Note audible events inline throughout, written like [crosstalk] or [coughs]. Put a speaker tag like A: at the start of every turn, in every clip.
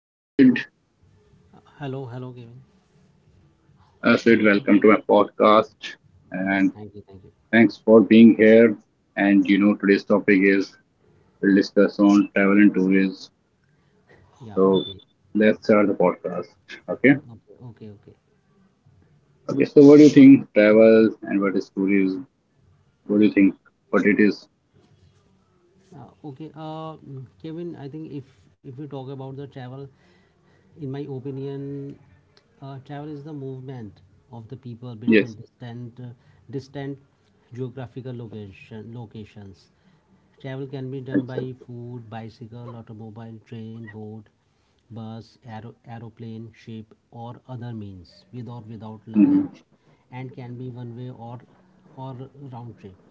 A: Hello, Sid.
B: Hello, hello, Kevin.
A: Sid, welcome to my podcast,
B: Okay,
A: and
B: thank you, thank you.
A: thanks for being here. And you know, today's topic is we'll discuss on travel and tourism.
B: Yeah,
A: So
B: okay,
A: let's start the podcast. Okay.
B: okay, okay, okay.
A: Okay. So, what do you think travel and what is tourism? What do you think? What it is?
B: Okay, Kevin. I think if we talk about the travel, in my opinion, travel is the movement of the people between
A: Yes.
B: distant geographical locations. Travel can be done by
A: Exactly.
B: food, bicycle, automobile, train, boat, bus, aeroplane, ship, or other means, with or without
A: Mhm.
B: luggage, and can be one way or round trip.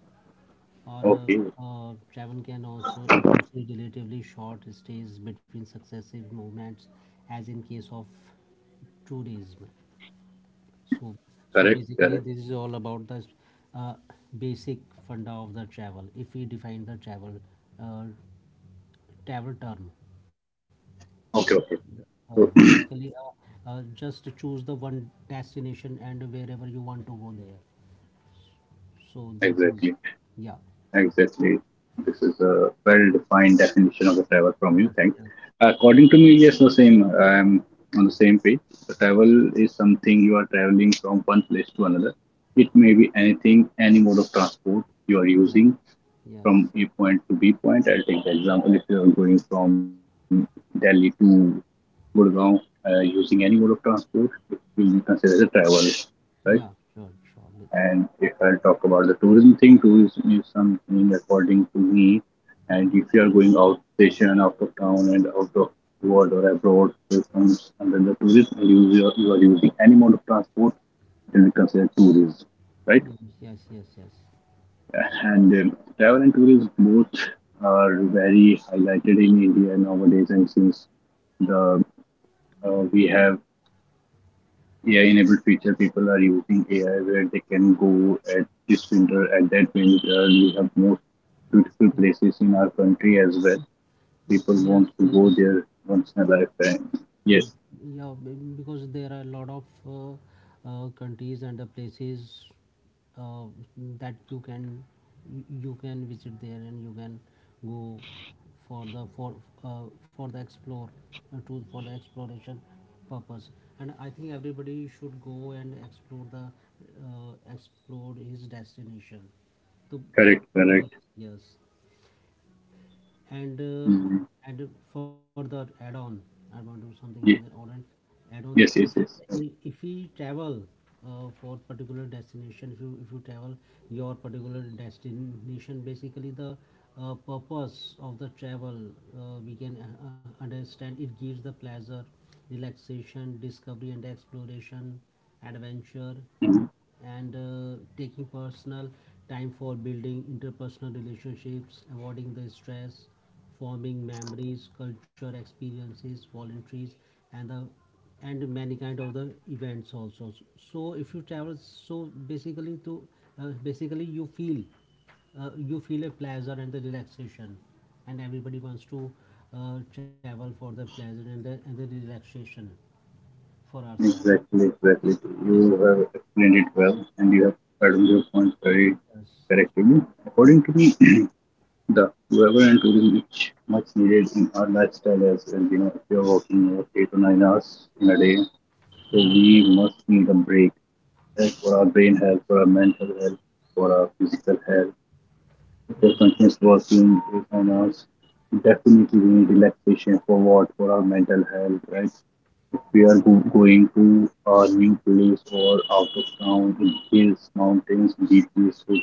B: Or
A: Okay.
B: Travel can also include relatively short stays between successive movements, as in case of tourism. So so
A: Correct.
B: basically
A: Correct.
B: this is all about the uh, basic funda of the travel. If we define the travel, uh, travel term,
A: Okay. Okay. So [clears throat]
B: basically, just choose the one destination and wherever you want to go there. So that is,
A: exactly.
B: yeah,
A: Exactly. This is a well-defined definition of the travel from you.
B: yes,
A: Thanks.
B: yes,
A: According to me, yes, the same. I'm on the same page. The travel is something you are traveling from one place to another. It may be anything, any mode of transport you are
B: yes,
A: using
B: yes.
A: from A point to B point. I'll take the example if you are going from Delhi to Gurgaon using any mode of transport, it will be considered as a travel, right?
B: Yeah, sure, sure.
A: And if I'll talk about the tourism thing, tourism is something according to me. And if you are going out station, out of town, and out of world or abroad, so it comes under the tourism. And you are using any mode of transport, it will be considered tourism, right?
B: Yes, yes, yes, yes.
A: And travel and tourism both are very highlighted in India nowadays, and since the we have AI-enabled feature people are using AI where they can go at this winter, at that winter. We have most beautiful
B: Yes,
A: places in our country as well. People
B: Yes,
A: want to go
B: yes.
A: there once in a lifetime.
B: Ye-
A: Yes,
B: Yeah, because there are a lot of countries and the places, uh, that you can, you can visit there, and you can go for the for the explore to for the exploration purpose. And I think everybody should go and explore the, explore his destination to,
A: correct,
B: yes,
A: correct.
B: yes. and uh,
A: Mhm.
B: and further add on, I want to do something on the or
A: Ye-
B: and add
A: Yes,
B: on
A: yes,
B: the,
A: yes,
B: if we
A: yes.
B: if we travel, for particular destination, if you travel your particular destination, basically the purpose of the travel. We can understand it gives the pleasure, relaxation, discovery and exploration, adventure.
A: Mhm.
B: And taking personal time for building interpersonal relationships, avoiding the stress, forming memories, culture experiences, voluntaries, and the and many kind of the events also. So if you travel, so basically you feel a pleasure and the relaxation, and everybody wants to travel for the pleasure and the relaxation for ourselves,
A: Exactly, exactly.
B: obviously.
A: You have explained it well, and you have added your points very
B: Yes.
A: correctly. According to me, [clears throat] the weather and tourism is much needed in our lifestyle as well. You know, if you're working over 8 to 9 hours in a day, so
B: Yeah. Yeah.
A: we must need a break, right, for our brain health, for our mental health, for our physical health. After
B: Yes,
A: continuous working 8 9 hours, definitely we need relaxation for what? For our mental health, right? If we are going to a new place or out of town, in hills, mountains, beaches, so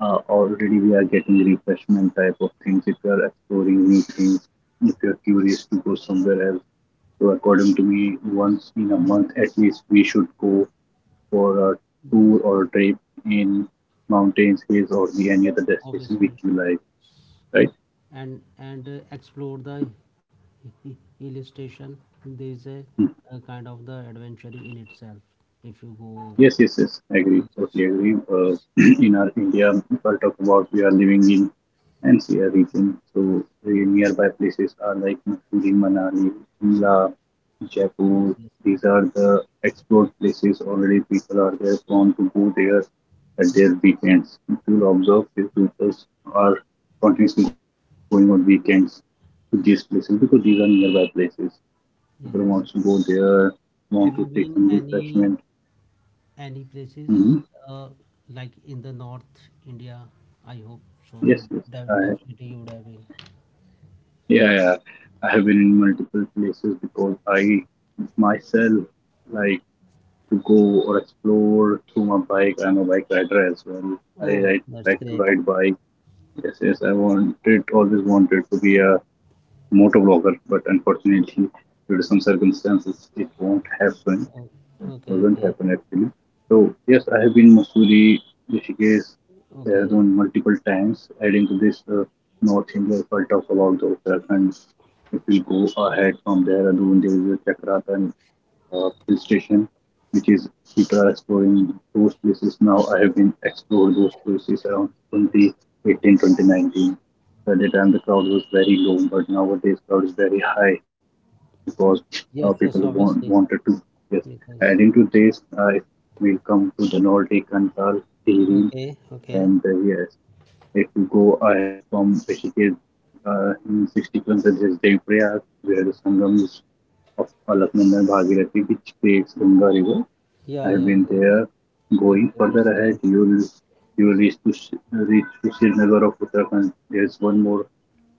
A: already we are getting refreshment type of things if you are exploring new things, if you are curious to go somewhere else, so according to me,
B: yes,
A: once in a
B: yes, yes,
A: month at least we should go for a
B: yes,
A: tour or a trip in mountains, hills, or the any other destination which
B: obviously.
A: you like, right?
B: And explore the hill station. There is a kind of the adventure in itself. If you go,
A: Yes, yes, yes. I agree.
B: yes,
A: Totally agree.
B: yes,
A: [clears throat] In our India, if I talk about, we are living in NCR region, so
B: yes,
A: the nearby places are like Mussoorie, Manali, Shimla,
B: yes,
A: Jaipur.
B: yes,
A: These are the explored places. Already people are there prone to go there at their weekends. If you observe, these people are continuously going on weekends to these places because these are nearby places. People
B: yes,
A: want
B: yes.
A: to go there, want to
B: Have you
A: take some
B: been
A: refreshment.
B: any places,
A: Mm-hmm.
B: uh, like in the North India? I hope so, that
A: Yes, yes. I,
B: definitely you would have been.
A: yeah, yeah. I have been in multiple places because I myself like to go or explore through my bike. I'm a bike rider as well. I,
B: Oh,
A: I
B: that's
A: like to
B: great.
A: ride bike. Yes, yes. I wanted, always wanted to be a motovlogger, but unfortunately, due to some circumstances, it won't happen.
B: Oh,
A: It
B: okay,
A: doesn't
B: okay.
A: happen actually. So yes, I have been Masuri, Rishikesh,
B: Okay.
A: Dehradun multiple times. Adding to this, North India, if I talk about the Uttarakhand, if we go ahead from Dehradun, there is a Chakrata and hill station, which is, people are exploring those places now. I have been explored those places around 2018 2019. At the time, the crowd was very low, but nowadays crowd is very high because
B: Yes, yes,
A: people
B: obviously,
A: want, wanted to. Yes.
B: because
A: Adding to this, we'll come to the Nordic Kantal theory.
B: okay, okay.
A: And yes, if you go ahead from Rishikesh in 60 kilometers, there's Deviprayag, where the Sangam is of Alaknanda and Bhagirathi, which creates Ganga River. I
B: Yeah,
A: have
B: yeah,
A: been
B: yes.
A: there.
B: Okay,
A: Going further
B: it's
A: ahead,
B: good.
A: you will reach to Srinagar of Uttarakhand. There's one more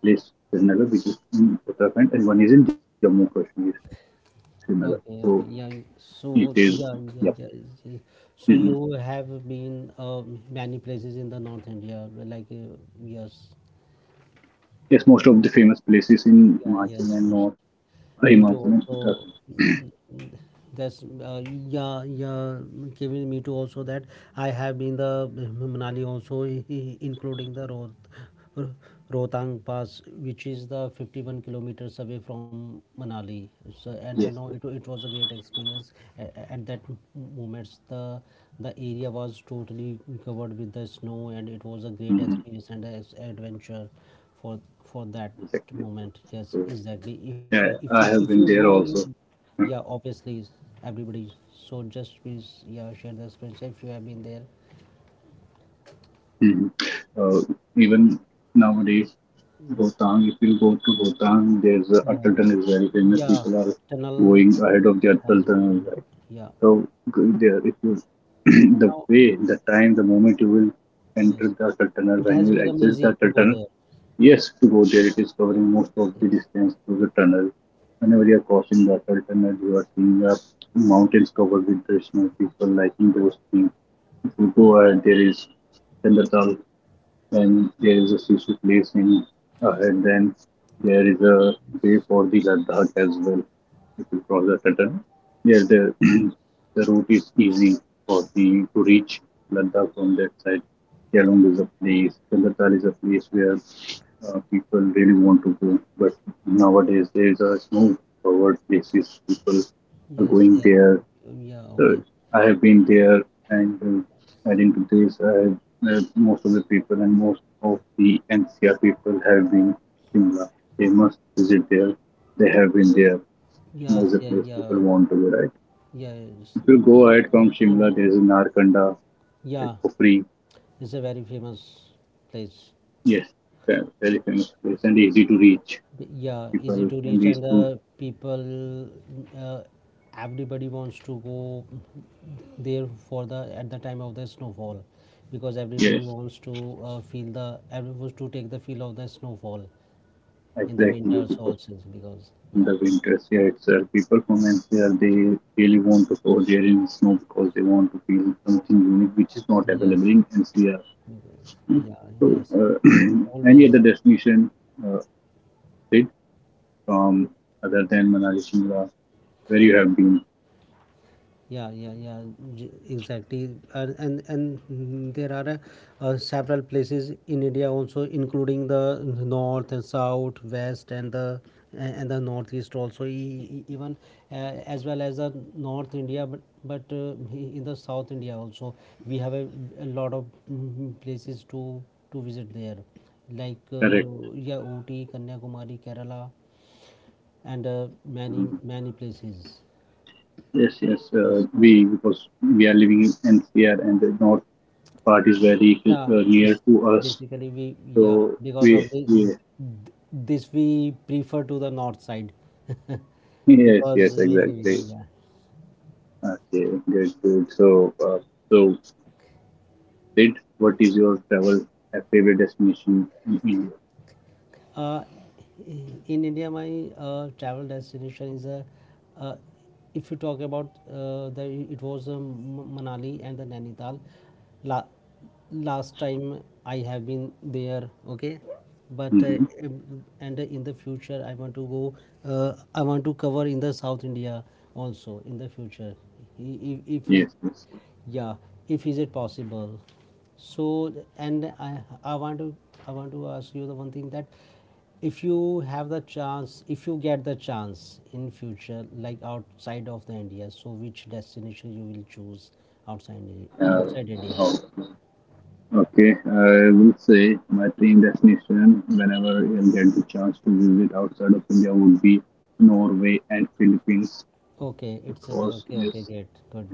A: place Srinagar which is in Uttarakhand, and one is in Jammu Kashmir. Shimala.
B: Okay,
A: So
B: okay. Yeah,
A: it
B: so
A: is,
B: yeah, yeah,
A: yep.
B: yeah, yeah. So
A: Hmm.
B: you have been, many places in the North India, like, yes.
A: Yes, most of the famous places in
B: Yeah,
A: Himachal
B: yes,
A: and
B: most.
A: North
B: Me
A: Himachal
B: too.
A: and
B: Also,
A: Uttarakhand.
B: that's yeah, yeah. Kevin, me too. Also, that I have been the Manali also, including the Rohtang Pass, which is the 51 kilometers away from Manali. So, and I know
A: Yes, yes.
B: it was a great experience. At that moments, the area was totally covered with the snow, and it was a great
A: Mm-hmm.
B: experience and an adventure for that
A: Exactly.
B: moment. Yes,
A: So,
B: exactly.
A: yeah, I
B: If
A: have
B: you
A: been
B: go
A: there also.
B: yeah, obviously. Everybody, so just please, yeah, share the experience if you have been there.
A: Hmm. Uh, even nowadays, Bhotang, if you go to Bhotang, there's a
B: Yeah,
A: Atal Tunnel is very famous.
B: yeah.
A: People are
B: Tunnel
A: going ahead of the Atal
B: has been
A: Tunnel,
B: built up.
A: right?
B: Yeah,
A: So go there, if you [clears throat] the
B: now.
A: way, the time, the moment you will enter
B: Yes,
A: the Atal Tunnel,
B: it
A: when you
B: has
A: will
B: become
A: access the
B: easy to
A: Atal
B: go
A: Tunnel.
B: there.
A: Yes, to go there, it is covering most of the
B: Yes,
A: distance through the tunnel. Whenever you are crossing the Atal tunnel, you are seeing the mountains covered with traditional people liking those things. If you go there is Chandratal, when there is a Sisu place in ahead, then there is a way
B: yes,
A: for the Ladakh as well. If you cross the Saturn, there the [clears throat]
B: yes,
A: the route is easy for the to reach Ladakh from that side. Kelung is a place, Kalatar is a place where people really want to go. But nowadays there is a no covered places. People are
B: yes,
A: going
B: yes.
A: there,
B: Okay, yeah,
A: so
B: okay.
A: I have been there, and adding to this, I have, most of the people and most of the NCR people have been Shimla. They must visit there. They have been there. Shimla is
B: Yes,
A: a
B: yeah,
A: place people
B: yeah,
A: want to go, right?
B: yeah. Yes.
A: If you go ahead from Shimla, there is Narkanda, right,
B: [laughs] Yeah,
A: for free.
B: it's a very famous place.
A: Yes, very famous place and easy to reach.
B: Yeah, easy
A: People
B: to
A: can
B: reach.
A: reach
B: And
A: to
B: the people, uh, everybody wants to go there for the at the time of the snowfall, because everybody
A: yes,
B: wants to feel the everyone wants to take the feel of the snowfall in the
A: exactly
B: winters
A: because
B: also. Because,
A: in
B: yeah,
A: the winters here itself. People from NCR they really want to go there in snow because they want to feel something unique which is not available
B: yes,
A: in NCR.
B: yes, yeah,
A: So
B: yes,
A: [clears throat] any other
B: always.
A: destination uh, trip from other than Manali, Shimla, where you have been?
B: Yeah, yeah, yeah, exactly. And there are several places in India also, including the north and south, west, and the northeast also, even, as well as the north India, but in the south India also, we have a lot of places to visit there, like,
A: Correct.
B: yeah, Ooty, Kanyakumari, Kerala, and many
A: Mm.
B: many places.
A: Yes, yes.
B: Yes.
A: We because we are living in NCR and the north part is very
B: Yeah,
A: near
B: it's
A: to us.
B: basically we, yeah,
A: So
B: because
A: we,
B: of the
A: we
B: this we prefer to the north side.
A: [laughs]
B: [laughs]
A: yes,
B: Because
A: yes,
B: we are
A: exactly.
B: living, yeah.
A: Okay, good, good. So, so did, what is your travel favorite destination in India?
B: Uh, in India, my travel destination is a. Uh, if you talk about, it was, Manali and the Nainital. La- Last time I have been there, okay, but,
A: Hmm.
B: and in the future I want to go. I want to cover in the South India also in the future. If is
A: Yes, yes.
B: yeah if Is it possible? So, and I want to, I want to ask you the one thing, that if you have the chance, if you get the chance in future, like outside of the India, so which destination you will choose outside
A: Uh,
B: outside India?
A: oh, okay, I will say my dream destination whenever I'll get the chance to visit outside of India would be Norway and Philippines
B: Okay, it's a.
A: because
B: Okay, okay,
A: yes,
B: great, good,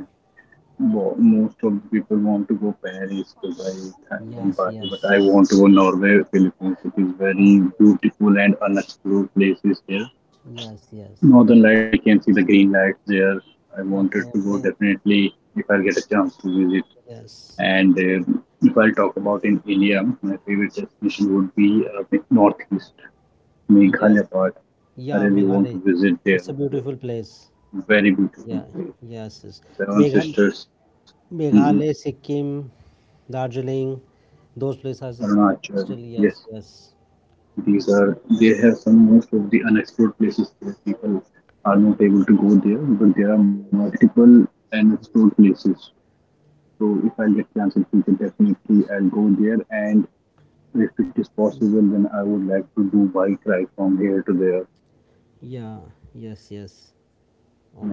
A: most of the people want to go Paris, Dubai, Thailand,
B: yes,
A: Bali,
B: yes,
A: but I want to go Norway, Philippines. It is very
B: okay, okay,
A: beautiful and unexplored places there.
B: yes, yes.
A: Northern Lights, we can see
B: It's-
A: the green lights there. I wanted
B: okay,
A: to go
B: okay,
A: definitely if I'll get a chance to visit.
B: yes,
A: And if I'll talk about in India, my favorite destination would be the Northeast,
B: yes,
A: Meghalaya part. I
B: yeah,
A: really want
B: Meghalaya,
A: to visit there.
B: it's a
A: It's
B: beautiful place.
A: a very beautiful
B: Yeah,
A: place.
B: yes, yes.
A: Seven
B: Megha,
A: Sisters, mm-hmm.
B: Meghalaya, Sikkim, Darjeeling, those places are
A: Arunachal.
B: still,
A: Yes,
B: yes, yes,
A: these are, they have some most of the unexplored places that people are not able to go there, but there are multiple unexplored
B: yes.
A: places. So if I'll get chance in future, definitely I'll go there. And if it is possible, then I would like to do bike ride from here to there.
B: Yeah, yes, yes.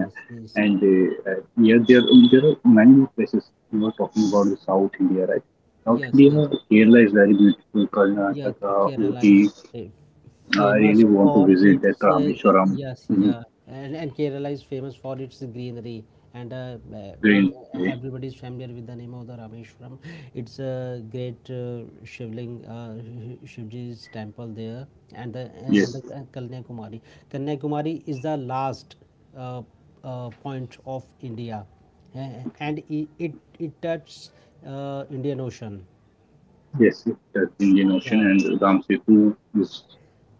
A: Yeah. And yeah, there are many more places. You were talking about the South India, right? South
B: yes,
A: India,
B: yes.
A: Kerala is very beautiful.
B: Yeah,
A: Karnataka,
B: Kerala
A: Ooty.
B: is
A: I really
B: famous
A: want to
B: for
A: visit that
B: its,
A: Rameshwaram.
B: yes,
A: Mm,
B: yeah. And Kerala is famous for its greenery, and
A: Greenway.
B: everybody is familiar with the name of the Rameshwaram. It's a great Shivling, Shivji's temple there, and the and
A: Yes,
B: the Kanyakumari. Kanyakumari is the last uh, point of India, uh, and it touches Indian Ocean.
A: yes, that's Indian Ocean
B: Yeah,
A: and Ram Setu is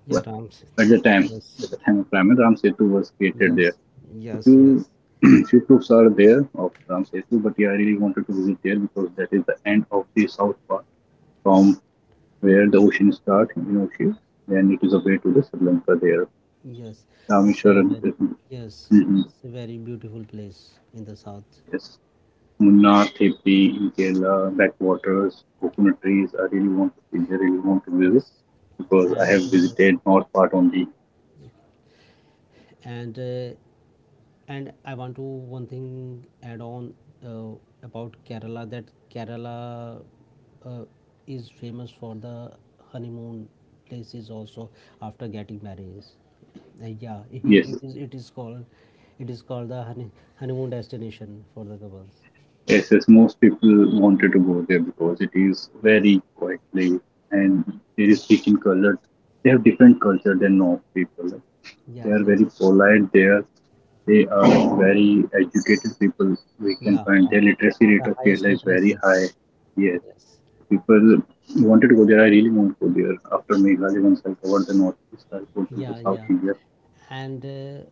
B: yeah,
A: at the time
B: Rams.
A: at the time of
B: Yes,
A: Raman, Ram Setu was created there.
B: yes,
A: A few
B: yes, yes,
A: [clears throat] few proofs are there of Ramsetu, but yeah, I really wanted to visit there because that is the end of the south part from where the ocean starts in Ocean. Then it is a way to the Sri Lanka there.
B: yes. It's a
A: Rameshwaram,
B: very, yes,
A: mhm,
B: it's a very beautiful place in the south.
A: yes, Munnar, Theppi in Kerala, backwaters, coconut trees. I really want to see. I really want to visit
B: Yes.
A: because I
B: and
A: have
B: uh,
A: visited north part only.
B: and uh, and I want to one thing add on, uh, about Kerala, that Kerala uh, is famous for the honeymoon places also, after getting married. Yeah, [laughs] it,
A: Yes.
B: it is called the honeymoon destination for the couples.
A: Yes, yes, most people wanted to go there because it is
B: Yes,
A: very quiet place and there
B: yeah,
A: is rich in colors. They have different culture than North people. They are
B: yes, yes,
A: very polite there. They are very educated people. We can
B: yeah,
A: find
B: of
A: their literacy rate
B: the
A: of
B: highest
A: Kerala is very
B: literacy,
A: high. Yes,
B: yes,
A: people wanted to go there. I really want to go there. After Meghalaya, once I covered the northeast, I'll go
B: yeah,
A: to the
B: yeah,
A: South India.
B: and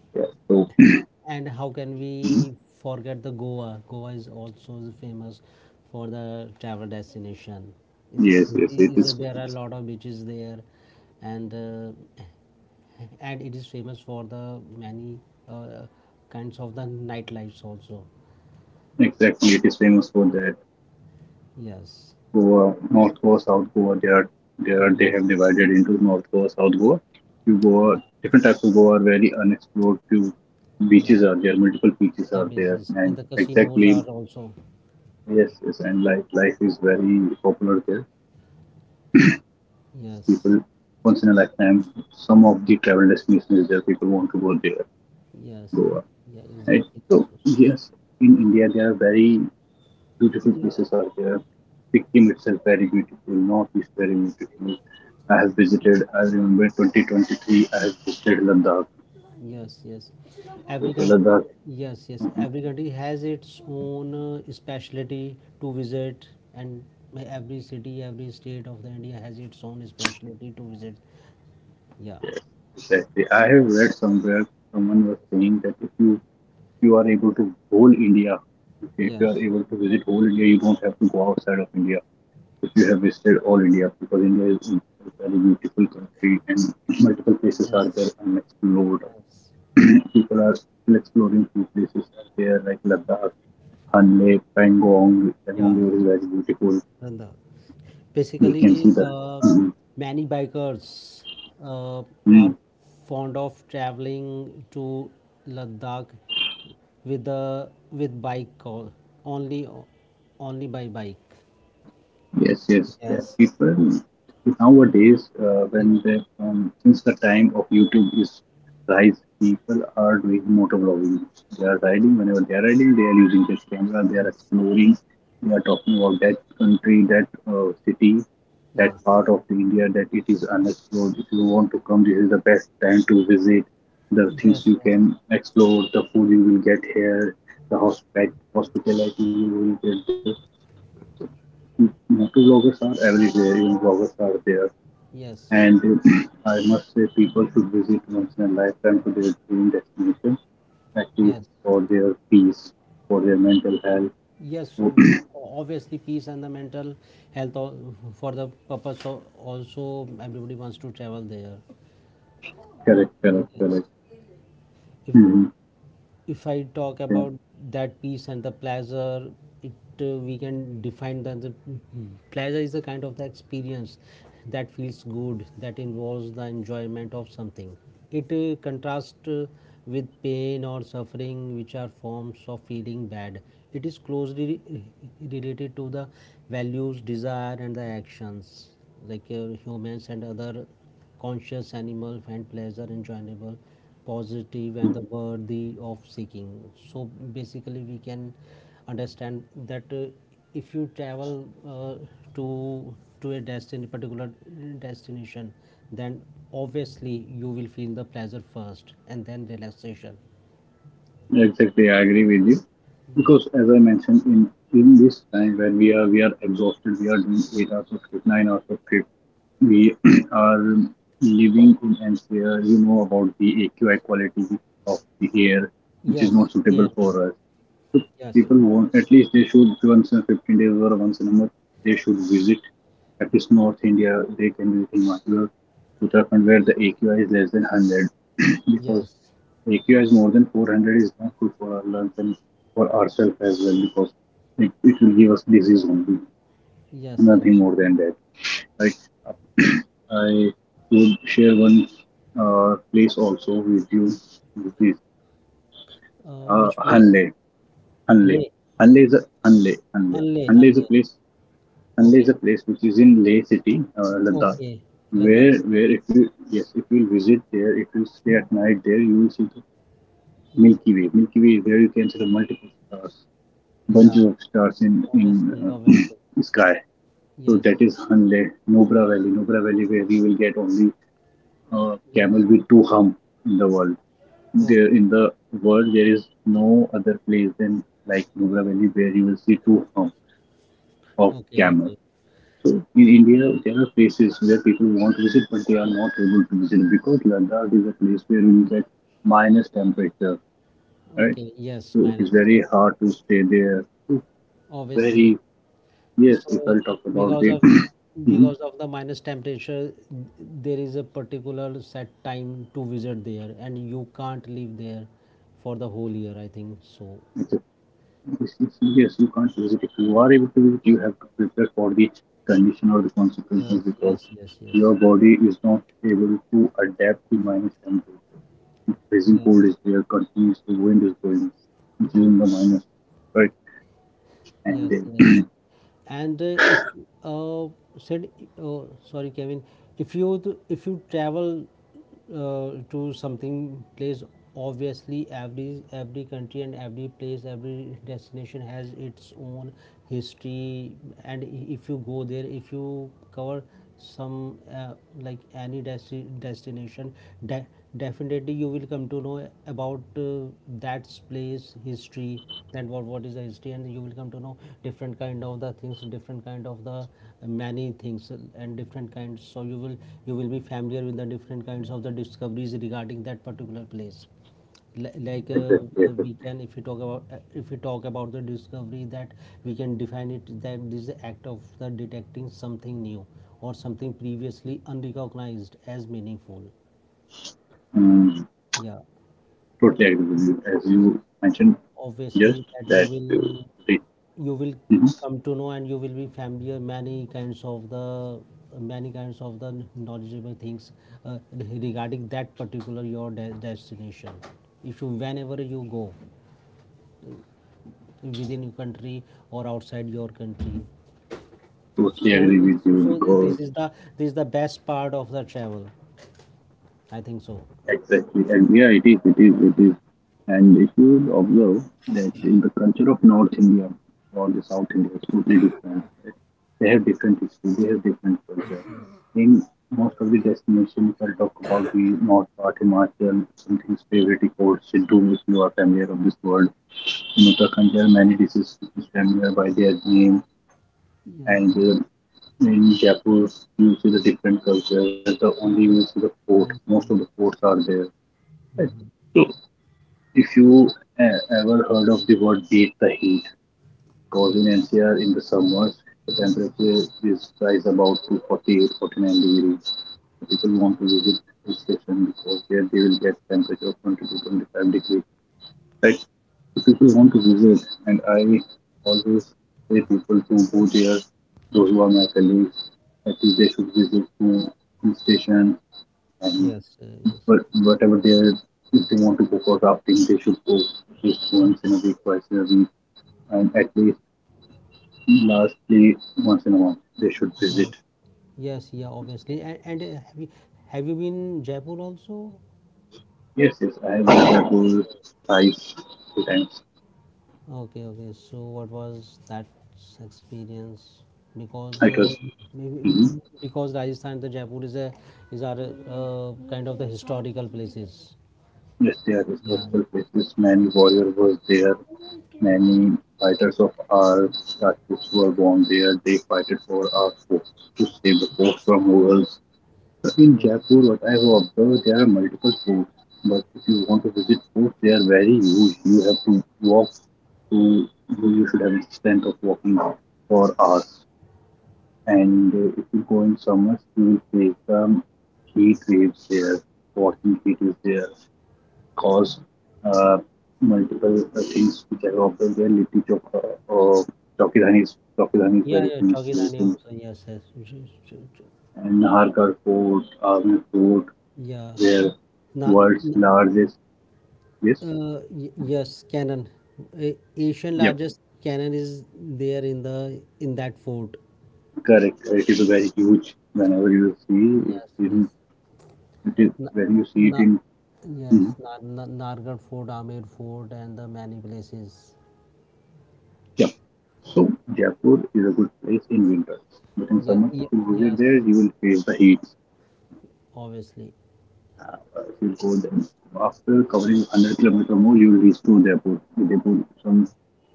A: Yeah, so [clears throat]
B: and how can we forget the Goa? Goa is also famous for the travel destination. Is,
A: yes,
B: is
A: yes, it
B: There are a
A: is
B: lot of
A: famous.
B: beaches there, and uh, and it is famous for the many uh, kinds of the nightlives also.
A: Exactly, it is famous for that.
B: Yes,
A: Goa, North Goa, South Goa. They are
B: yeah,
A: they
B: not,
A: have divided into North Goa, South Goa. Few Goa
B: yeah,
A: different types of Goa are very unexplored. Few
B: yeah,
A: beaches are there, multiple beaches
B: yeah,
A: are there,
B: beaches and
A: and
B: the casinos
A: exactly
B: are also,
A: yes, yes, and life is very popular there.
B: yes,
A: People once in a lifetime, some of the travel destinations there people want to go there,
B: yes,
A: Goa,
B: yeah,
A: right?
B: exactly.
A: So
B: So,
A: yes, in India there are very beautiful
B: yeah,
A: places are there. Sikkim itself very beautiful, northeast very beautiful. I have visited. I remember 2023. I have visited Ladakh.
B: yes, yes. Which is not every country,
A: Ladakh.
B: all, yes, yes.
A: uh
B: Every country has its own specialty to visit, and every city, every state of the India has its own specialty to visit. Yeah.
A: Yes, exactly. I have read somewhere someone was saying that if you are able to whole India, okay, if you are
B: Yes.
A: able to visit whole India, you don't have to go outside of India. If you have visited all India, because India is a very beautiful country and multiple places are
B: Yes.
A: there unexplored.
B: Yes.
A: [clears throat] People are still exploring few places out there like Ladakh, Han Lake, Pangong.
B: Yeah.
A: Pangong is very beautiful.
B: And the
A: We can see
B: basically,
A: the
B: many bikers uh, are
A: mm,
B: fond of traveling to Ladakh with bike call, only only by bike.
A: yes, yes. Yeah.
B: Yes,
A: People nowadays, when
B: Y-
A: they since the time of YouTube is rise, people are doing motovlogging. They are riding. Whenever they are riding, they are using this camera. They are
B: yes,
A: exploring. They are talking about that country, that city, that
B: yes,
A: part of India that it is unexplored. If you want to come, this is the best time to visit. The things
B: yes,
A: you
B: yes,
A: can explore, the food you will get here, the hospitality you will get there, motor are everywhere, even bloggers are there.
B: yes,
A: And [clears throat] I must say, people should visit once in a lifetime to their dream destination, at least
B: yes.
A: for their peace, for their mental health.
B: Yes,
A: Oh,
B: obviously, peace and the mental health, for the purpose of also everybody wants to travel there.
A: [clears throat] correct, correct,
B: Yes.
A: correct.
B: If
A: Hmm.
B: if I talk
A: Yeah.
B: about that piece and the pleasure, it we can define that the pleasure is the kind of the experience that feels good, that involves the enjoyment of something. It contrasts with pain or suffering, which are forms of feeling bad. It is closely related to the values, desire, and the actions, like, humans and other conscious animal find pleasure enjoyable, positive and
A: Mm.
B: the worthy of seeking. So basically we can understand that, if you travel, uh, to to a destination particular destination, then obviously you will feel the pleasure first and then relaxation.
A: Exactly, I agree with you.
B: Yes,
A: Because as I mentioned, in this time when we are exhausted, we are doing 8 hours of sleep, 9 hours of sleep, we [clears throat] are living in an where you know about the AQI quality of the air, which is
B: yes,
A: not
B: yeah,
A: suitable for us.
B: yes,
A: People want,
B: obviously,
A: at least they should once in 15 days or once in a month they should visit at least North India. They can visit Himachal, Uttarakhand,
B: yes,
A: where the AQI is less than 100 [clears throat] because
B: yes, yes,
A: AQI is more than 400 is not good for our lungs and for ourselves as well because it will give us disease only,
B: yes, yes.
A: nothing more than that. Like [clears throat] I would share one place also with you, which is
B: Which place?
A: Hanle. Hanle.
B: Leh.
A: Hanle is a Hanle. Hanle.
B: unlay
A: Hanle is a
B: unlay
A: place. Hanle is
B: okay.
A: a place which is in Leh city, Ladakh.
B: Okay,
A: Where,
B: Ladakh.
A: where if you yes, if you visit there, if you stay at night there, you will see the
B: Yes.
A: Milky Way. Milky Way is where you can see the multiple stars,
B: Yeah,
A: bunches of stars in
B: obviously, obviously.
A: [clears throat] sky. So
B: Yes,
A: that is Hanle, Nubra Valley, Nubra Valley, where we will get only camel
B: yes.
A: with two hump in the world. There
B: Okay,
A: in the world there is no other place than like Nubra Valley where you will see two hump of
B: okay,
A: camel.
B: okay,
A: So in India there are places where people want to visit but they are not able to visit because Ladakh is a place where you get minus temperature, right?
B: okay. Yes,
A: So it is
B: minus.
A: very hard to stay there. It's
B: Obviously.
A: very yes, if I
B: So
A: talk about
B: because
A: the
B: of
A: [coughs] [clears throat]
B: because of the minus temperature, there is a particular set time to visit there, and you can't leave there for the whole year, I think. So,
A: mhm. Yes, yes, yes, you can't visit. If
B: yeah.
A: you are able to visit, you have to prepare for the condition or the consequences
B: Yes,
A: because
B: yes, yes, yes, yes,
A: your body is not able to adapt to minus temperature. If freezing cold
B: yes,
A: is there, continuously wind is going, which is in the minus, right? And
B: yes, yes.
A: then [coughs]
B: and if uh, said Sorry, Kevin. If if you travel to something place, obviously every country and every place, every destination has its own history. And if you go there, if you cover some, like any destination, de- definitely you will come to know about, that place history and what is the history, and you will come to know different kind of the things, different kind of the, many things, and different kinds. So you will, you will be familiar with the different kinds of the discoveries regarding that particular place. Like,
A: [clears throat] exactly,
B: we
A: exactly.
B: can, if we talk about the discovery that we can define it, that this is the act of the detecting something new or something previously unrecognized as meaningful.
A: Um,
B: Yeah,
A: totally agree with you. As you mentioned just
B: obviously
A: that
B: that you
A: uh,
B: will,
A: they-
B: you will
A: mhm,
B: come to know and you will be familiar many kinds of the, many kinds of the knowledgeable things, regarding that particular your destination, if you, whenever you go within your country or outside your country.
A: totally agree
B: so
A: with you
B: so, so
A: because.
B: this is the, this is the best part of the travel, I think so.
A: Exactly. And yeah, it is, it is, it is. And if you observe that in the culture of North India or the South India, it's totally different. Right? They have different history, they have different culture. In most of the destinations, I'll talk about the North part, Himachal, something's favorite or Siddhu, if you are familiar of this word. In Uttarakhand, there are many dishes which is familiar by their name
B: Yes.
A: and in Jaipur, you see the different culture where the
B: Yeah,
A: only you
B: yeah.
A: see the fort. Most
B: Rajasthan.
A: of the forts are there. Right.
B: Mhm.
A: So, if you uh, ever heard of the word beat the heat, because
B: Yeah,
A: in NCR in the summers, the temperature is rise about to 48, 49 degrees. So people want to visit hill station because there they will get temperature of 20 to 25 degrees. Right? So people want to visit, and I always say people to go there, those who are my colleagues, that is they should visit to hill station and
B: yes, yes,
A: but whatever they are, if they want to go for rafting, they should go at least once
B: okay,
A: in a week, twice in a week, and at least lastly once in a month they should
B: okay,
A: visit.
B: okay. Yes, yeah, obviously, and have you, have you been Jaipur also?
A: Yes, yes, I have been there
B: Okay,
A: go
B: okay.
A: twice, three times.
B: Okay, okay. So what was that experience?
A: I
B: Because,
A: trust. Hmm.
B: maybe, because Rajasthan, the Jaipur is a, is are, kind of the historical places.
A: Yes, they are
B: Yeah.
A: historical places. Many warrior was there. Many fighters of our Rajputs were born there. They fought for our fort to save the fort from Mughals. In
B: Yes.
A: Jaipur, what I have observed, there are multiple forts. But if you want to visit forts, they are very huge. You have to walk to, you should have the strength of walking for hours. And if you go in summers, you will face some heat waves there, walking heat is there, cause uh, multiple things which I have observed there. Litti Chowk, Chowkidhani is
B: Yeah,
A: very
B: yeah.
A: famous place.
B: Chowkidani also. Yes, yes.
A: And Nahargarh Fort, Army Fort,
B: Yeah.
A: they're
B: Na,
A: world's
B: n-
A: largest. Yes,
B: yes, cannon. Asian
A: yep,
B: largest cannon is there in the, in that fort.
A: correct. It is very huge. Whenever you see
B: Yes,
A: it in,
B: yes.
A: it is
B: Na,
A: when you see it
B: na,
A: in,
B: yes,
A: mhm.
B: Nargarh Fort, Amer Fort, and the many places.
A: Yeah. So Jaipur is a good place in winter, but in
B: Yeah,
A: summers if
B: yeah,
A: you visit
B: yes,
A: there, you will face the heat.
B: obviously.
A: Uh, if you go there after covering 100 kilometers more, you will reach to Jaipur. Jaipur, some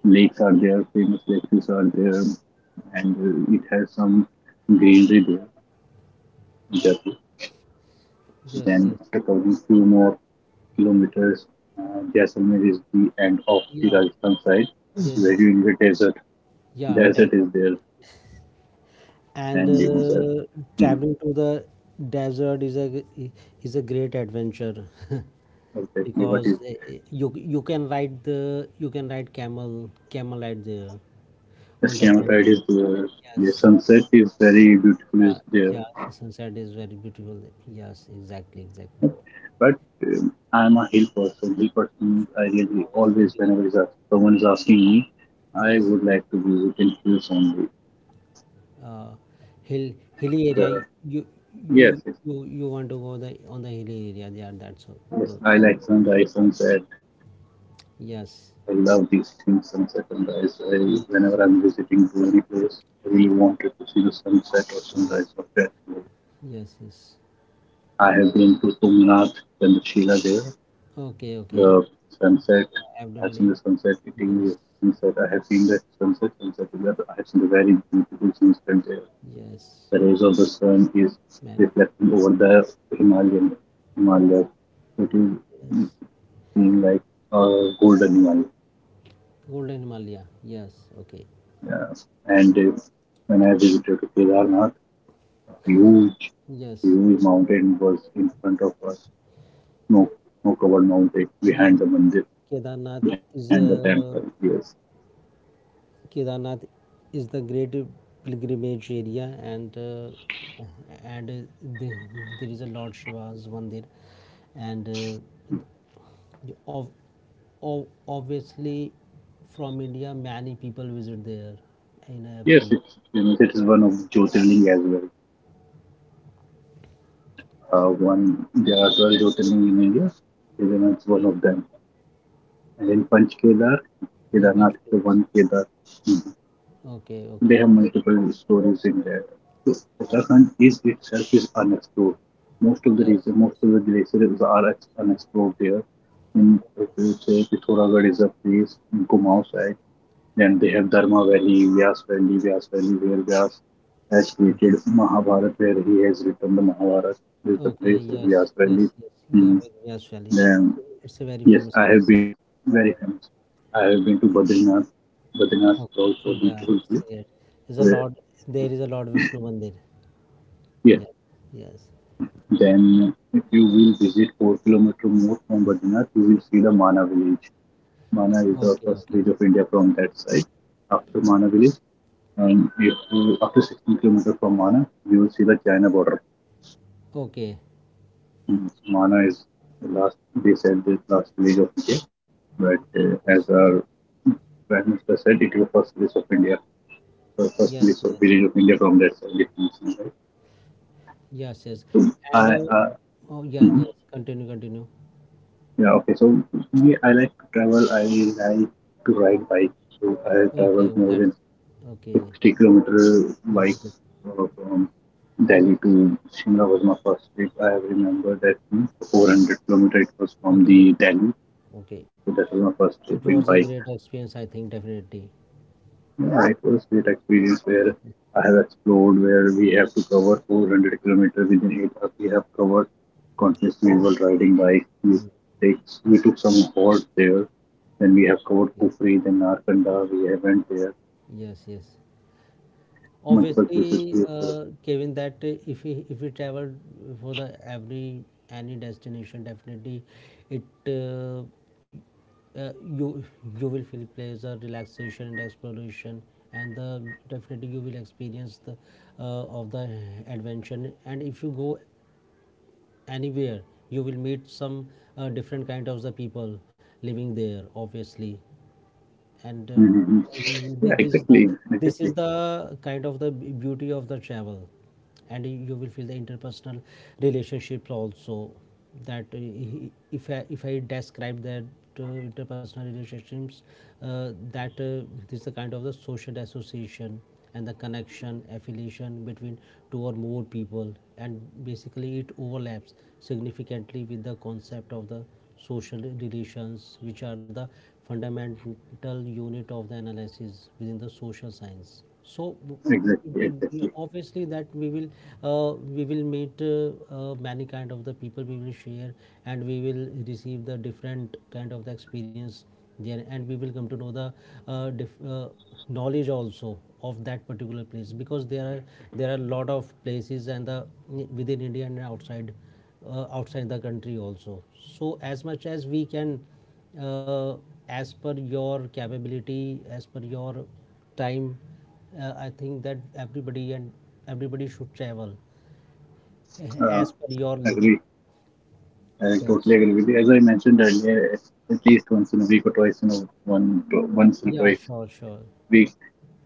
A: lakes are there, famous lakes are there, and it has some greenery there. Jaipur.
B: Yes, yes.
A: Then after covering few more kilometers, Jaisalmer is the end of the
B: Yeah,
A: Rajasthan side,
B: yeah,
A: where
B: just,
A: you in the desert,
B: yeah,
A: desert
B: desert.
A: is there,
B: And
A: and dunes are mm,
B: traveling to the desert is a, is a great adventure. [laughs]
A: exactly what is
B: Because you, you can ride the, you can ride camel right there on the
A: Eskimo
B: desert.
A: side is there. The
B: Yes.
A: sunset is very beautiful
B: Yeah,
A: is there,
B: yeah, sunset is very beautiful. Yes, exactly, exactly.
A: but I am a hill person. Hill person, I really
B: Obviously,
A: always
B: because
A: whenever is ask, someone is asking me, I
B: yes,
A: would like to visit in hills only.
B: uh, hill, hilly area.
A: The,
B: You, you,
A: yes, yes,
B: you, you want to go the, on the hilly area. Yeah, that's all.
A: yes,
B: Good,
A: I
B: good,
A: like
B: good.
A: sunrise, sunset, I
B: Yes,
A: love these things, sunset and rise. I, whenever
B: yes,
A: I'm visiting to any place, I really wanted to see the sunset or
B: yes,
A: sunrise of that place.
B: yes, yes.
A: I have been to Tumnath and the Sheila there.
B: Okay, okay.
A: The sunset,
B: Yeah,
A: I've seen
B: everybody.
A: the sunset hitting
B: Yes,
A: the sunset. I have seen that sunset, sunset is I have seen the very beautiful sunset there.
B: yes,
A: The rays of the sun is
B: man.
A: reflecting over the Himalayan Himalaya. It is
B: Yes.
A: being like a golden Himalaya.
B: Golden Himalaya. Yes, okay.
A: Yes. And if, when I visited Kedarnath, huge,
B: Yes,
A: huge mountain was in front of us. Snow, snow-covered mountain behind
B: yes.
A: the mandir,
B: Kedarnath
A: behind the
B: is
A: temple.
B: a,
A: Yes.
B: Kedarnath is the great pilgrimage area, and the, there is a Lord Shiva's Mandir, and uh, of, of, obviously, from India many people visit there in every
A: Yes,
B: year.
A: it's famous. It is one of Jyotirling as well. One there are 12 Jyotirling in India. Kedarnath is one of them. And in Panch Kedar,
B: Yeah,
A: Kedarnath is the
B: Panchkulaj.
A: one Kedar. They
B: Okay,
A: have
B: okay.
A: multiple stories in there. So Uttarakhand is itself is unexplored. Most of the region,
B: Yes,
A: most
B: yes.
A: of the glaciers are unexplored there. In if
B: Okay,
A: you say Pithoragarh is a place in Kumaon side. Then they have Dharma Valley, Vyas Valley, Vyas Valley, where Vyas has
B: okay,
A: created Mahabharata, where he has written the Mahabharata. This is the
B: okay.
A: place is
B: Yes,
A: Vyas Valley.
B: yes, yes. Yeah,
A: Mm.
B: with Vyas Valley.
A: Then
B: So it's a very
A: yes,
B: famous
A: I have
B: place.
A: been very famous. I have been to Badrinath. Badrinath
B: Okay.
A: is also
B: Oh,
A: a
B: yeah.
A: beautiful
B: It's,
A: place.
B: there's a
A: Where
B: lot. There is a Lord Vishnu Mandir.
A: yes,
B: Yeah. Yes.
A: then if you will visit 4-kilometer more from
B: Yes.
A: Badrinath, you will see the Mana village. Mana is
B: Okay.
A: the
B: Okay.
A: first village of India from that side. After Mana village, and if you, after 16 kilometers from Mana, you will see the China border.
B: Okay.
A: Mm, Mana is the last, they said the last village of India, but
B: Yes.
A: as our Prime Minister said, it is the first village of India, the first
B: Yes. Yes.
A: village
B: Yes.
A: of India
B: Yes.
A: from that side. It is, right?
B: Yes. Yes.
A: So,
B: And
A: I,
B: oh, yeah.
A: mhm.
B: Yes. Continue. Continue.
A: Yeah, okay. So me, I like to travel. I like to ride bike. So I have
B: Okay.
A: traveled
B: Oh,
A: more
B: that's
A: than
B: okay.
A: 60 kilometer
B: Good.
A: bike
B: Good.
A: from Delhi to Shimla was my first trip. I have remember that 400 kilometer it was from
B: Okay.
A: the Delhi.
B: Okay.
A: So that was my first
B: It
A: trip
B: was
A: in
B: a
A: bike.
B: great experience, I think, definitely.
A: Yeah, it was a great experience where I have explored where we have to cover 400 kilometers within 8 hours. We have covered consciously while riding bike.
B: Mm,
A: Take we took some halt there. Then we have covered
B: yeah.
A: Kufri, then Narkanda. We have went there.
B: Yes. Yes.
A: Multiple places we
B: Obviously,
A: have covered.
B: Kevin, that, if we, if we travel for the every, any destination, definitely it, you, you will feel pleasure, relaxation, and exploration, and the, definitely you will experience the, of the adventure. And if you go anywhere, you will meet some, different kind of the people living there. Obviously, and
A: Mm-hmm. Yeah,
B: this is the,
A: exactly,
B: this is the kind of the beauty of the travel, and you will feel the interpersonal relationships also. That if I describe that interpersonal relationships, that this is the kind of the social association and the connection affiliation between two or more people, and basically it overlaps significantly with the concept of the social relations, which are the fundamental unit of the analysis within the social science. So
A: exactly.
B: obviously that we will, we will meet, many kind of the people, we will share and we will receive the different kind of the experience there, and we will come to know the, uh, diff, uh, knowledge also of that particular place, because there are, there are lot of places, and the, within India and outside, outside the country also. So as much as we can, uh, as per your capability, as per your time, I think that everybody, and everybody should travel [laughs]
A: Uh,
B: as per your limit.
A: agree. I totally
B: Yes.
A: agree with you. As I mentioned earlier, at least once in a week or twice in a one, once or
B: Yeah.
A: twice.
B: Sure. Sure.
A: We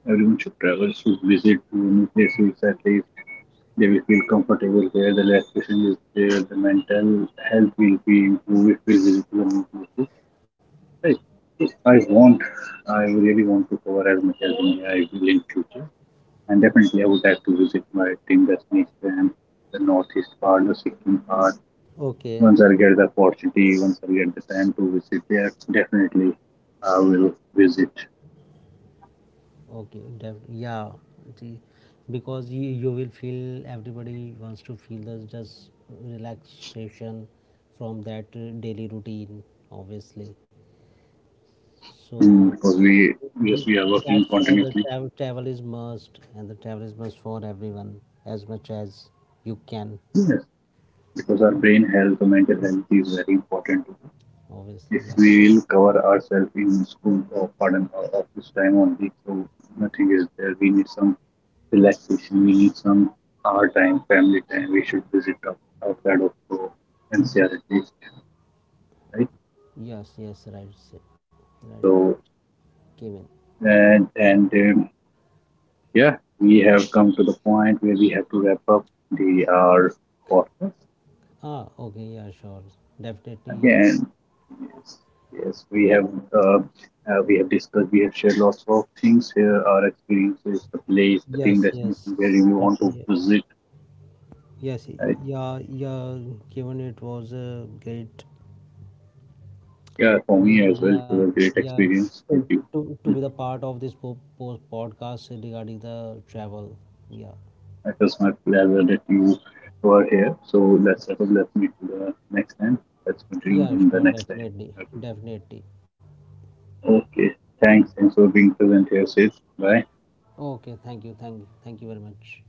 A: Everyone should travel, should visit to new places at least. They will feel comfortable there, the relaxation is there, the mental health will be improved if we visit to the new places. Right. So I want, I really want to cover as much as India I will in future. And
B: Okay.
A: definitely I would like to visit my dream destination, and the northeast part, the Sikkim part. Once I get the opportunity, once I get the time to visit there, definitely I will visit.
B: Okay, okay, yeah, see, because you will feel everybody wants to feel the just relaxation from that daily routine, obviously. So
A: Because we, yes,
B: be,
A: we are working
B: that's why the
A: continuously.
B: travel is must, and the travel is must for everyone as much as you can.
A: Yes, because our brain health or mental health is very important.
B: Obviously,
A: If
B: yeah.
A: we will cover ourselves in school or pardon or office time only, so nothing is there. We need some relaxation. We need some our time, family time. We should visit outside of NCRT, right?
B: Yes, yes, right, right,
A: So
B: Kevin.
A: and yeah, we have come to the point where we have to wrap up the our podcast.
B: Ah, okay, yeah, sure, definitely.
A: Again, yes, yes, we have discussed, we have shared lots of things here, our experiences, the place, the dream
B: Yes,
A: destination where
B: yes,
A: we want to
B: certainly.
A: visit.
B: Yes,
A: Right?
B: yeah, yeah, Kevin. It was a great,
A: Yeah, for
B: yeah,
A: me as well, it
B: yeah,
A: was a great
B: yeah,
A: experience
B: to,
A: with you.
B: to be
A: Mm,
B: the part of this post podcast regarding the travel, yeah,
A: it was my pleasure that you were here. So let's wrap up.
B: yes.
A: Let's meet the next time. Let's continue
B: Yeah,
A: in the
B: sure,
A: next time.
B: definitely,
A: Okay.
B: definitely.
A: Okay. Thanks. Thanks for being present here, Sid. Bye.
B: Okay, thank you, thank you very much.